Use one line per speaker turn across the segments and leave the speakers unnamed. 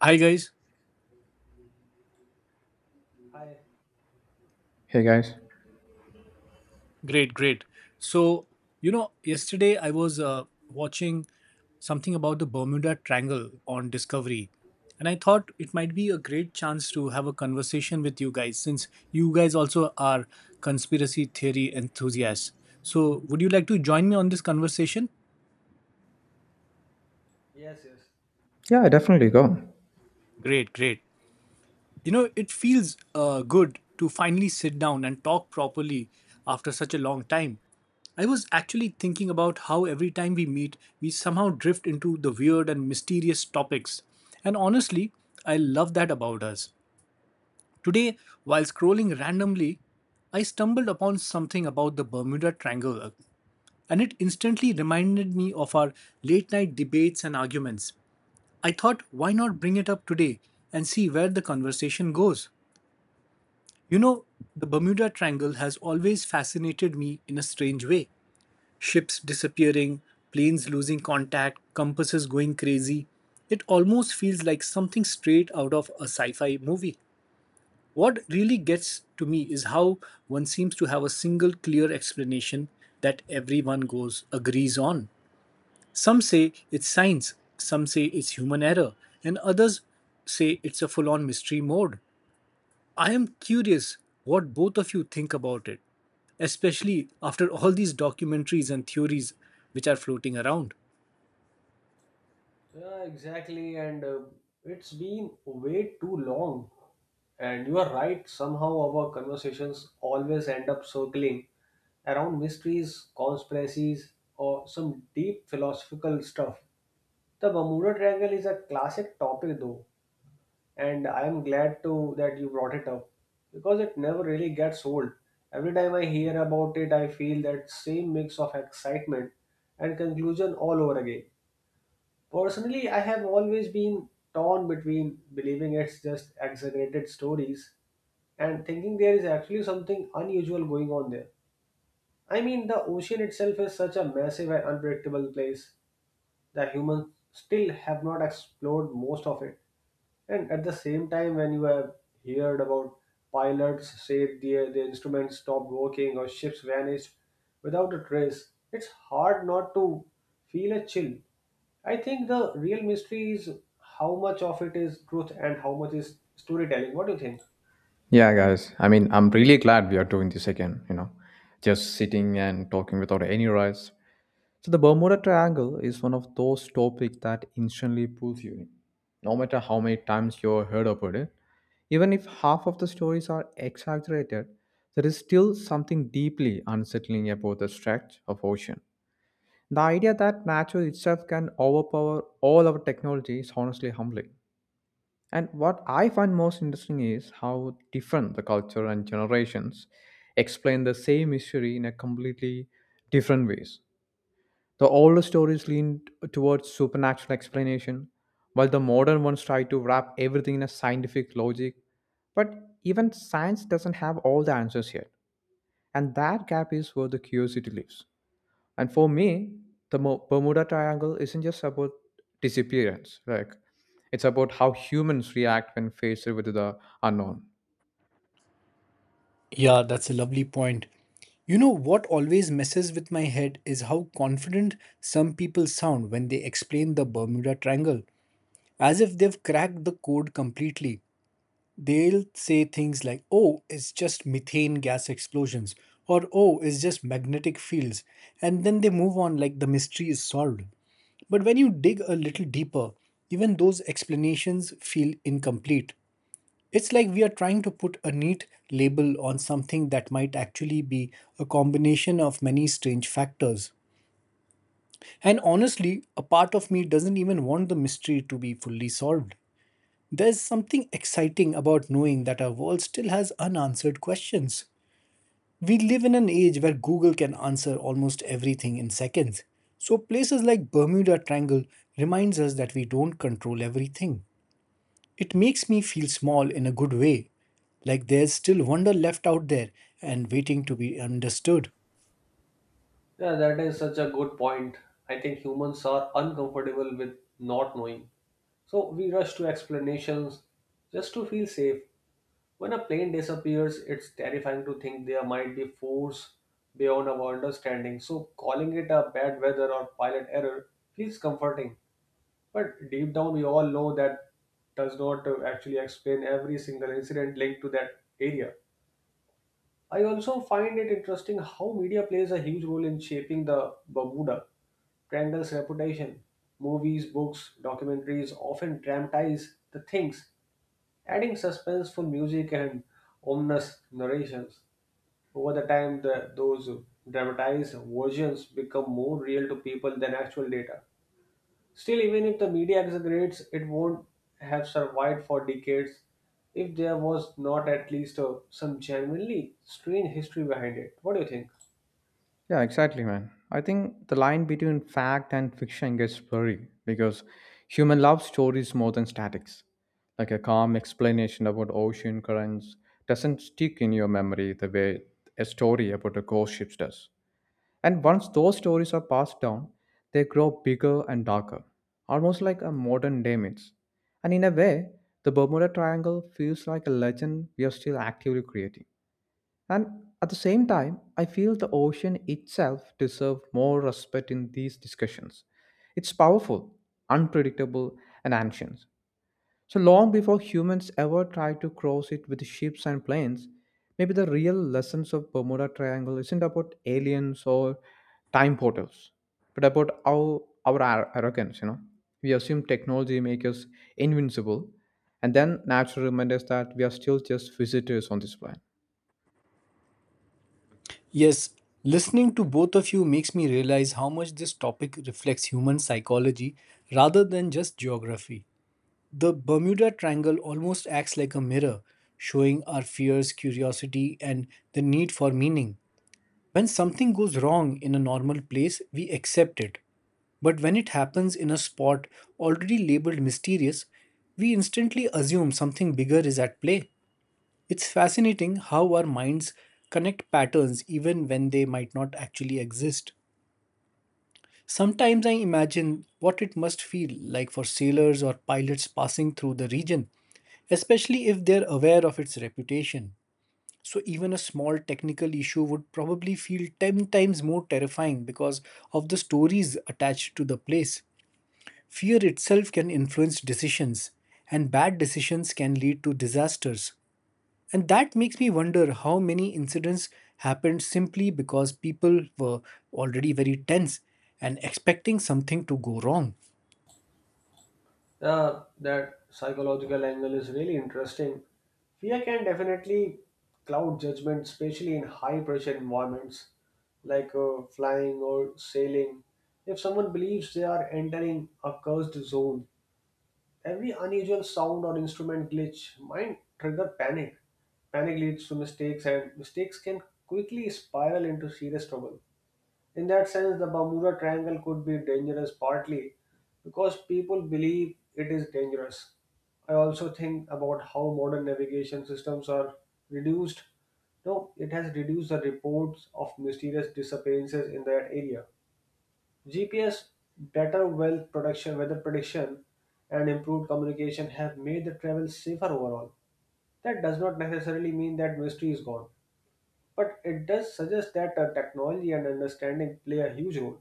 Hi guys,
Hi.
Hey guys.
great, great. So you know, yesterday I was watching something about the Bermuda Triangle on Discovery, and I thought it might be a great chance to have a conversation with you guys since you guys also are conspiracy theory enthusiasts. So would you like to join me on this conversation?
Yes, yes.
Yeah, definitely go.
Great, great. You know, it feels good to finally sit down and talk properly after such a long time. I was actually thinking about how every time we meet, we somehow drift into the weird and mysterious topics. And honestly, I love that about us. Today, while scrolling randomly, I stumbled upon something about the Bermuda Triangle, and it instantly reminded me of our late night debates and arguments. I thought, why not bring it up today and see where the conversation goes? You know, the Bermuda Triangle has always fascinated me in a strange way. Ships disappearing, planes losing contact, compasses going crazy. It almost feels like something straight out of a sci fi movie. What really gets to me is how one seems to have a single clear explanation that everyone goes agrees on. Some say it's science, some say it's human error, and others say it's a full on mystery mode. I am curious what both of you think about it, especially after all these documentaries and theories which are floating around.
Yeah, exactly. And It's been way too long. And you are right. Somehow our conversations always end up circling around mysteries, conspiracies, or some deep philosophical stuff. The Bermuda Triangle is a classic topic, though, and I am glad to that you brought it up because it never really gets old. Every time I hear about it, I feel that same mix of excitement and conclusion all over again. Personally, I have always been torn between believing it's just exaggerated stories and thinking there is actually something unusual going on there. I mean, the ocean itself is such a massive and unpredictable place that humans still have not explored most of it. And at the same time, when you have heard about pilots say their instruments stopped working or ships vanished without a trace, it's hard not to feel a chill. I think the real mystery is how much of it is truth and how much is storytelling. What do you think?
Yeah, guys. I mean, I'm really glad we are doing this again, you know, just sitting and talking without any rush. So, the Bermuda Triangle is one of those topics that instantly pulls you in, no matter how many times you've heard about it. Even if half of the stories are exaggerated, there is still something deeply unsettling about the stretch of ocean. The idea that nature itself can overpower all our technology is honestly humbling. And what I find most interesting is how different the culture and generations explain the same history in a completely different ways. The older stories lean towards supernatural explanation, while the modern ones try to wrap everything in a scientific logic. But even science doesn't have all the answers yet, and that gap is where the curiosity lives. And for me, the Bermuda Triangle isn't just about disappearance, like it's about how humans react when faced with the unknown.
Yeah, that's a lovely point. You know what always messes with my head is how confident some people sound when they explain the Bermuda Triangle, as if they've cracked the code completely. They'll say things like, oh, it's just methane gas explosions, or oh, it's just magnetic fields. And then they move on like the mystery is solved. But when you dig a little deeper, even those explanations feel incomplete. It's like we are trying to put a neat label on something that might actually be a combination of many strange factors. And honestly, a part of me doesn't even want the mystery to be fully solved. There's something exciting about knowing that our world still has unanswered questions. We live in an age where Google can answer almost everything in seconds. So places like Bermuda Triangle reminds us that we don't control everything. It makes me feel small in a good way, like there's still wonder left out there and waiting to be understood.
Yeah, that is such a good point. I think humans are uncomfortable with not knowing. So we rush to explanations just to feel safe. When a plane disappears, it's terrifying to think there might be force beyond our understanding. So calling it a bad weather or pilot error feels comforting. But deep down, we all know that does not actually explain every single incident linked to that area. I also find it interesting how media plays a huge role in shaping the Bermuda Triangle's reputation. Movies, books, documentaries often dramatize the things adding suspenseful music and ominous narrations. Over the time, those dramatized versions become more real to people than actual data. Still, even if the media exaggerates, it won't have survived for decades if there was not at least some genuinely strange history behind it. What do you think?
Yeah, exactly, man. I think the line between fact and fiction gets blurry because human love stories more than statics. Like a calm explanation about ocean currents doesn't stick in your memory the way a story about a ghost ship does. And once those stories are passed down, they grow bigger and darker, almost like a modern day myth. And in a way, the Bermuda Triangle feels like a legend we are still actively creating. And at the same time, I feel the ocean itself deserves more respect in these discussions. It's powerful, unpredictable, and ancient. So long before humans ever tried to cross it with ships and planes, maybe the real lessons of Bermuda Triangle isn't about aliens or time portals, but about our arrogance, you know. We assume technology makes us invincible, and then naturally remind us that we are still just visitors on this planet.
Yes, listening to both of you makes me realize how much this topic reflects human psychology rather than just geography. The Bermuda Triangle almost acts like a mirror, showing our fears, curiosity, and the need for meaning. When something goes wrong in a normal place, we accept it. But when it happens in a spot already labeled mysterious, we instantly assume something bigger is at play. It's fascinating how our minds connect patterns even when they might not actually exist. Sometimes I imagine what it must feel like for sailors or pilots passing through the region, especially if they're aware of its reputation. So, even a small technical issue would probably feel 10 times more terrifying because of the stories attached to the place. Fear itself can influence decisions, and bad decisions can lead to disasters. And that makes me wonder how many incidents happened simply because people were already very tense and expecting something to go wrong.
That psychological angle is really interesting. Fear can definitely cloud judgment, especially in high pressure environments like flying or sailing. If someone believes they are entering a cursed zone, every unusual sound or instrument glitch might trigger panic. Panic leads to mistakes, and mistakes can quickly spiral into serious trouble. In that sense, the Bermuda Triangle could be dangerous partly because people believe it is dangerous. I also think about how modern navigation systems are reduced. No, it has reduced the reports of mysterious disappearances in that area. GPS, better wealth production, weather prediction, and improved communication have made the travel safer overall. That does not necessarily mean that mystery is gone, but it does suggest that technology and understanding play a huge role.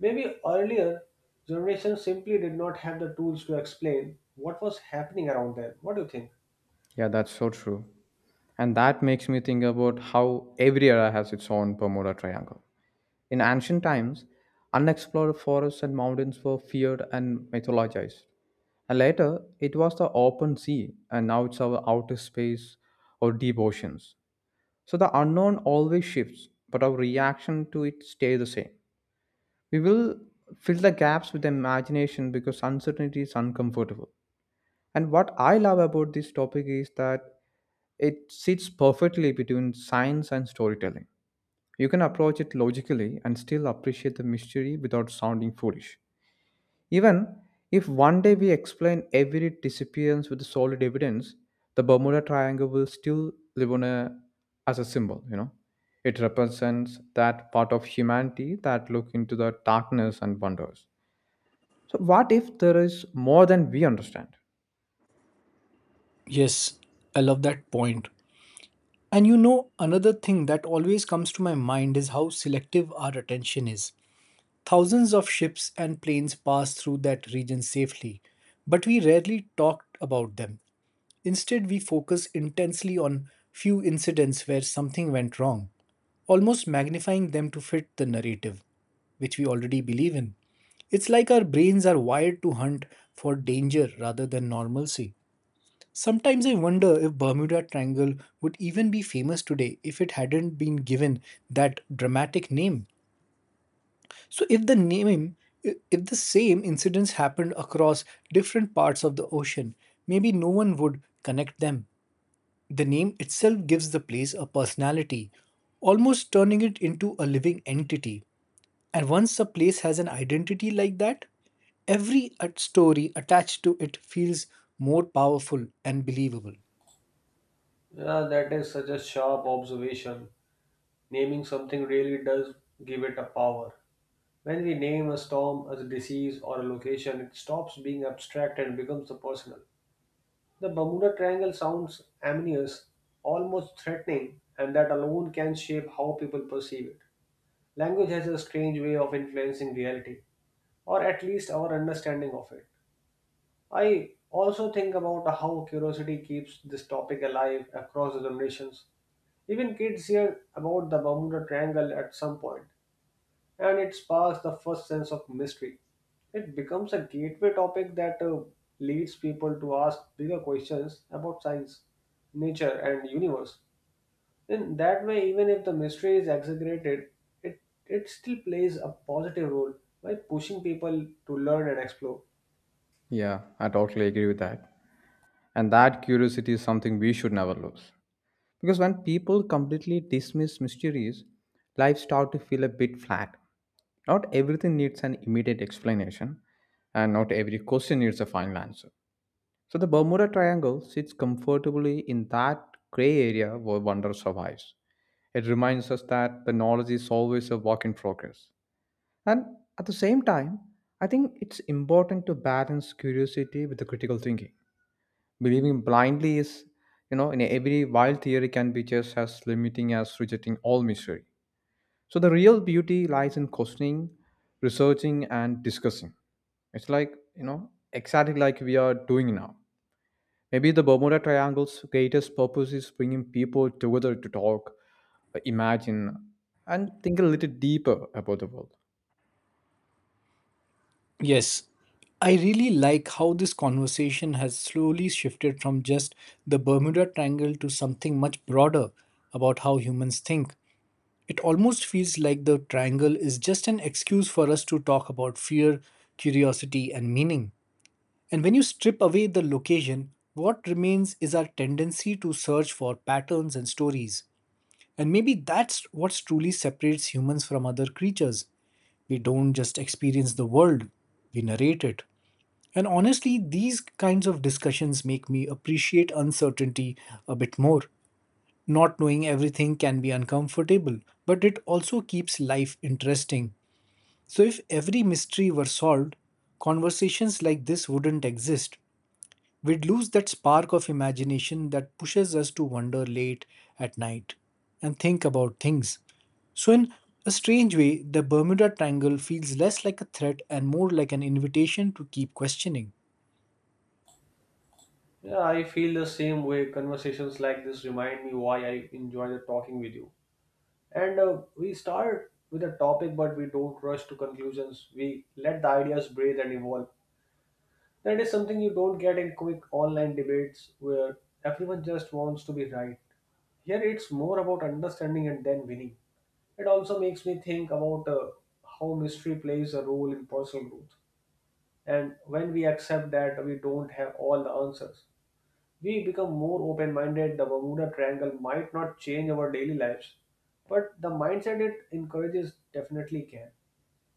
Maybe earlier generations simply did not have the tools to explain what was happening around them. What do you think?
Yeah, that's so true. And that makes me think about how every era has its own Bermuda Triangle. In ancient times, unexplored forests and mountains were feared and mythologized. And later, it was the open sea, and now it's our outer space or deep oceans. So the unknown always shifts, but our reaction to it stays the same. We will fill the gaps with imagination because uncertainty is uncomfortable. And what I love about this topic is that it sits perfectly between science and storytelling. You can approach it logically and still appreciate the mystery without sounding foolish. Even if one day we explain every disappearance with solid evidence, the Bermuda Triangle will still live on, as a symbol, you know. It represents that part of humanity that look into the darkness and wonders. So what if there is more than we understand?
Yes, I love that point. And you know, another thing that always comes to my mind is how selective our attention is. Thousands of ships and planes pass through that region safely, but we rarely talked about them. Instead, we focus intensely on few incidents where something went wrong, almost magnifying them to fit the narrative, which we already believe in. It's like our brains are wired to hunt for danger rather than normalcy. Sometimes I wonder if Bermuda Triangle would even be famous today if it hadn't been given that dramatic name. So if the same incidents happened across different parts of the ocean, maybe no one would connect them. The name itself gives the place a personality, almost turning it into a living entity. And once a place has an identity like that, every story attached to it feels more powerful and believable.
Yeah, that is such a sharp observation. Naming something really does give it a power. When we name a storm as a disease or a location, it stops being abstract and becomes the personal. The Bermuda Triangle sounds ominous, almost threatening, and that alone can shape how people perceive it. Language has a strange way of influencing reality, or at least our understanding of it. I also think about how curiosity keeps this topic alive across the generations. Even kids hear about the Bermuda Triangle at some point, and it sparks the first sense of mystery. It becomes a gateway topic that leads people to ask bigger questions about science, nature, and universe. In that way, even if the mystery is exaggerated, it, it still plays a positive role by pushing people to learn and explore.
Yeah, I totally agree with that. And that curiosity is something we should never lose. Because when people completely dismiss mysteries, life starts to feel a bit flat. Not everything needs an immediate explanation, and not every question needs a final answer. So the Bermuda Triangle sits comfortably in that gray area where wonder survives. It reminds us that the knowledge is always a work in progress. And at the same time, I think it's important to balance curiosity with the critical thinking. Believing blindly is, you know, in every wild theory can be just as limiting as rejecting all mystery. So the real beauty lies in questioning, researching, and discussing. It's like, you know, exactly like we are doing now. Maybe the Bermuda Triangle's greatest purpose is bringing people together to talk, imagine, and think a little deeper about the world.
Yes, I really like how this conversation has slowly shifted from just the Bermuda Triangle to something much broader about how humans think. It almost feels like the triangle is just an excuse for us to talk about fear, curiosity, and meaning. And when you strip away the location, what remains is our tendency to search for patterns and stories. And maybe that's what truly separates humans from other creatures. We don't just experience the world, we narrate it. And honestly, these kinds of discussions make me appreciate uncertainty a bit more. Not knowing everything can be uncomfortable, but it also keeps life interesting. So, if every mystery were solved, conversations like this wouldn't exist. We'd lose that spark of imagination that pushes us to wander late at night and think about things. So, in a strange way, the Bermuda Triangle feels less like a threat and more like an invitation to keep questioning.
Yeah, I feel the same way. Conversations like this remind me why I enjoy the talking with you. And We start with a topic, but we don't rush to conclusions. We let the ideas breathe and evolve. That is something you don't get in quick online debates where everyone just wants to be right. Here, it's more about understanding and then winning. It also makes me think about how mystery plays a role in personal growth. And when we accept that we don't have all the answers, we become more open minded, the Bermuda Triangle might not change our daily lives, but the mindset it encourages definitely can.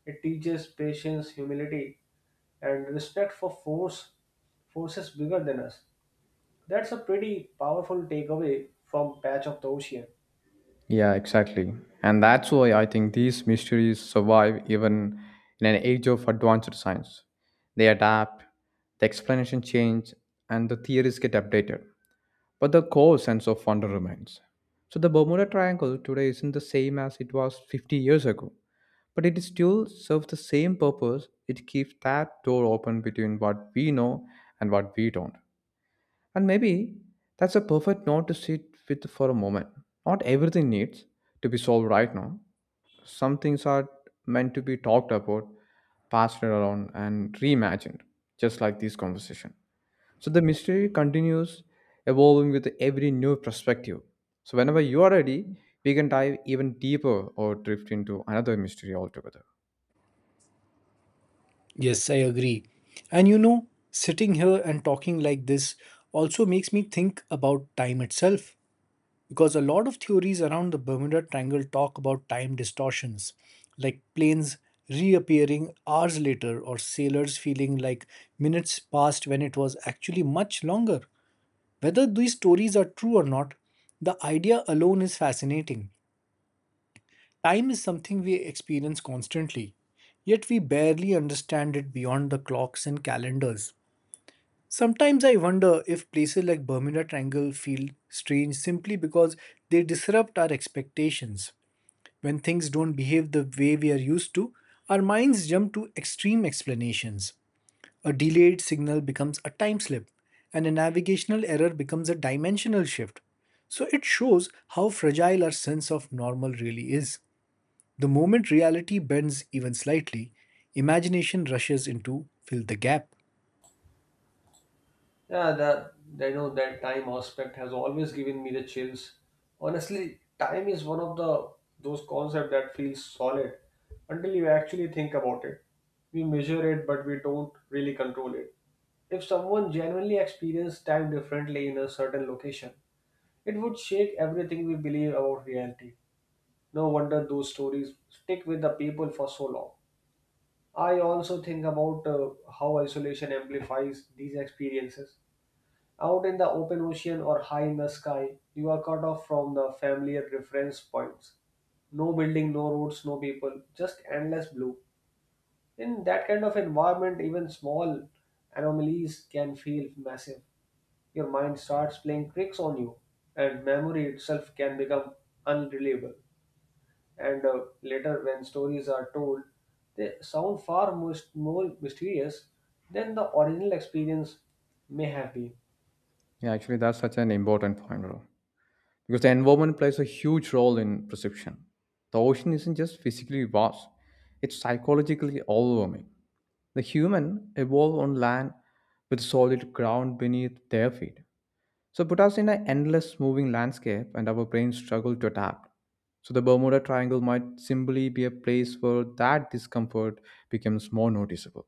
It teaches patience, humility, and respect for forces bigger than us. That's a pretty powerful takeaway from Patch of the Ocean.
Yeah, exactly. And that's why I think these mysteries survive even in an age of advanced science. They adapt, the explanation change, and the theories get updated. But the core sense of wonder remains. So the Bermuda Triangle today isn't the same as it was 50 years ago, but it still serves the same purpose. It keeps that door open between what we know and what we don't. And maybe that's a perfect note to sit with for a moment. Not everything needs to be solved right now. Some things are meant to be talked about, passed around, and reimagined, just like this conversation. So the mystery continues evolving with every new perspective. So whenever you are ready, we can dive even deeper or drift into another mystery altogether.
Yes, I agree. And you know, sitting here and talking like this also makes me think about time itself, because a lot of theories around the Bermuda Triangle talk about time distortions, like planes reappearing hours later or sailors feeling like minutes passed when it was actually much longer. Whether these stories are true or not, the idea alone is fascinating. Time is something we experience constantly, yet we barely understand it beyond the clocks and calendars. Sometimes I wonder if places like Bermuda Triangle feel strange simply because they disrupt our expectations. When things don't behave the way we are used to, our minds jump to extreme explanations. A delayed signal becomes a time slip, and a navigational error becomes a dimensional shift. So it shows how fragile our sense of normal really is. The moment reality bends even slightly, imagination rushes in to fill the gap.
Yeah, that I know that time aspect has always given me the chills. Honestly, time is one of the those concept that feels solid until you actually think about it. We measure it, but we don't really control it. If someone genuinely experienced time differently in a certain location, it would shake everything we believe about reality. No wonder those stories stick with the people for so long. I also think about how isolation amplifies these experiences. Out in the open ocean or high in the sky, you are cut off from the familiar reference points. No building, no roads, no people, just endless blue. In that kind of environment, even small anomalies can feel massive. Your mind starts playing tricks on you, and memory itself can become unreliable. And Later, when stories are told, they sound more mysterious than the original experience may have been.
Yeah, actually, that's such an important point, bro, because the environment plays a huge role in perception. The ocean isn't just physically vast, it's psychologically overwhelming. The human evolved on land with solid ground beneath their feet. So put us in an endless moving landscape and our brains struggle to adapt. So the Bermuda Triangle might simply be a place where that discomfort becomes more noticeable.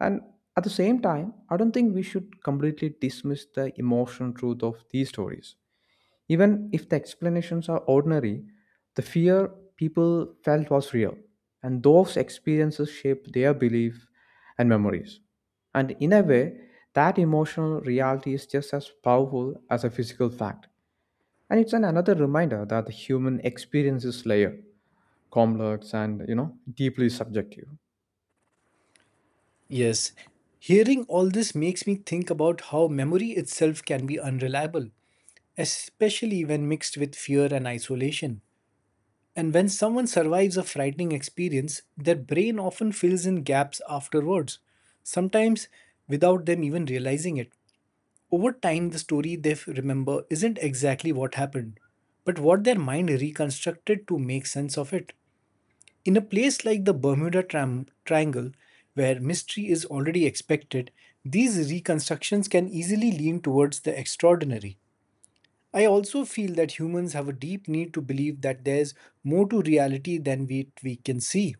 And at the same time, I don't think we should completely dismiss the emotional truth of these stories. Even if the explanations are ordinary, the fear people felt was real, and those experiences shaped their belief and memories. And in a way, that emotional reality is just as powerful as a physical fact. And it's an another reminder that the human experience is layered, complex, and you know deeply subjective.
Yes, hearing all this makes me think about how memory itself can be unreliable, especially when mixed with fear and isolation. And when someone survives a frightening experience, their brain often fills in gaps afterwards, sometimes without them even realizing it. Over time, the story they remember isn't exactly what happened, but what their mind reconstructed to make sense of it. In a place like the Triangle, where mystery is already expected, these reconstructions can easily lean towards the extraordinary. I also feel that humans have a deep need to believe that there's more to reality than we can see.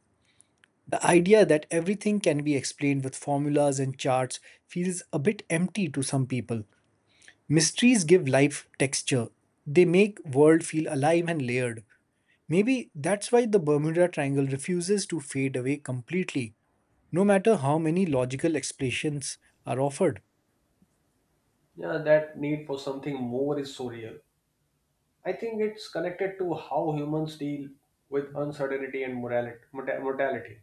The idea that everything can be explained with formulas and charts feels a bit empty to some people. Mysteries give life texture. They make world feel alive and layered. Maybe that's why the Bermuda Triangle refuses to fade away completely, no matter how many logical explanations are offered.
Yeah, that need for something more is so real. I think it's connected to how humans deal with uncertainty and mortality.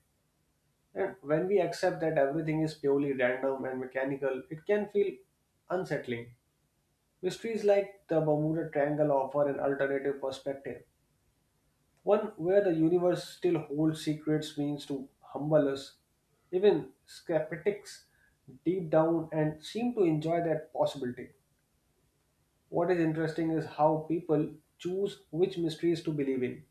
And when we accept that everything is purely random and mechanical, it can feel unsettling. Mysteries like the Bermuda Triangle offer an alternative perspective, one where the universe still holds secrets means to humble us, even skeptics deep down, and seem to enjoy that possibility. What is interesting is how people choose which mysteries to believe in.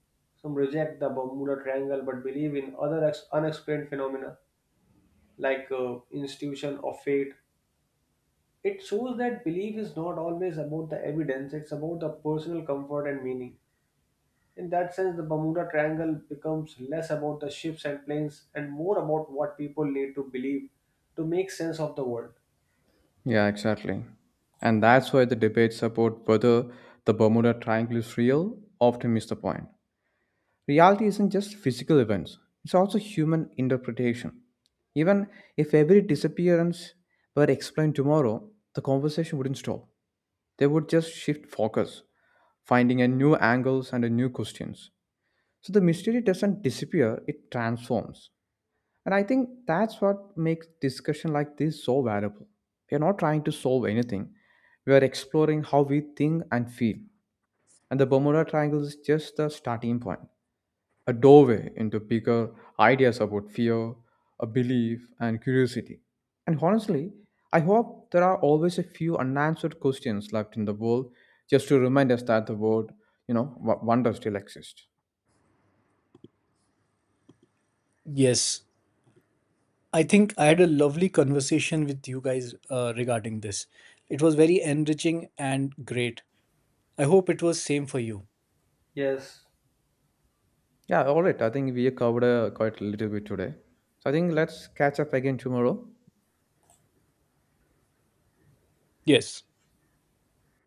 Some reject the Bermuda Triangle but believe in other unexplained phenomena like institution of fate. It shows that belief is not always about the evidence, it's about the personal comfort and meaning. In that sense, the Bermuda Triangle becomes less about the ships and planes and more about what people need to believe to make sense of the world.
Yeah, exactly. And that's why the debates about whether the Bermuda Triangle is real often miss the point. Reality isn't just physical events, it's also human interpretation. Even if every disappearance were explained tomorrow, the conversation wouldn't stop. They would just shift focus, finding a new angles and a new questions. So the mystery doesn't disappear, it transforms. And I think that's what makes discussion like this so valuable. We are not trying to solve anything. We are exploring how we think and feel. And the Bermuda Triangle is just the starting point, a doorway into bigger ideas about fear, a belief, and curiosity. And honestly, I hope there are always a few unanswered questions left in the world just to remind us that the world, you know, wonder still exists.
Yes, I think I had a lovely conversation with you guys regarding this. It was very enriching and great. I hope it was same for you.
Yes,
Yeah, all right. I think we covered quite a little bit today. So I think let's catch up again tomorrow.
Yes,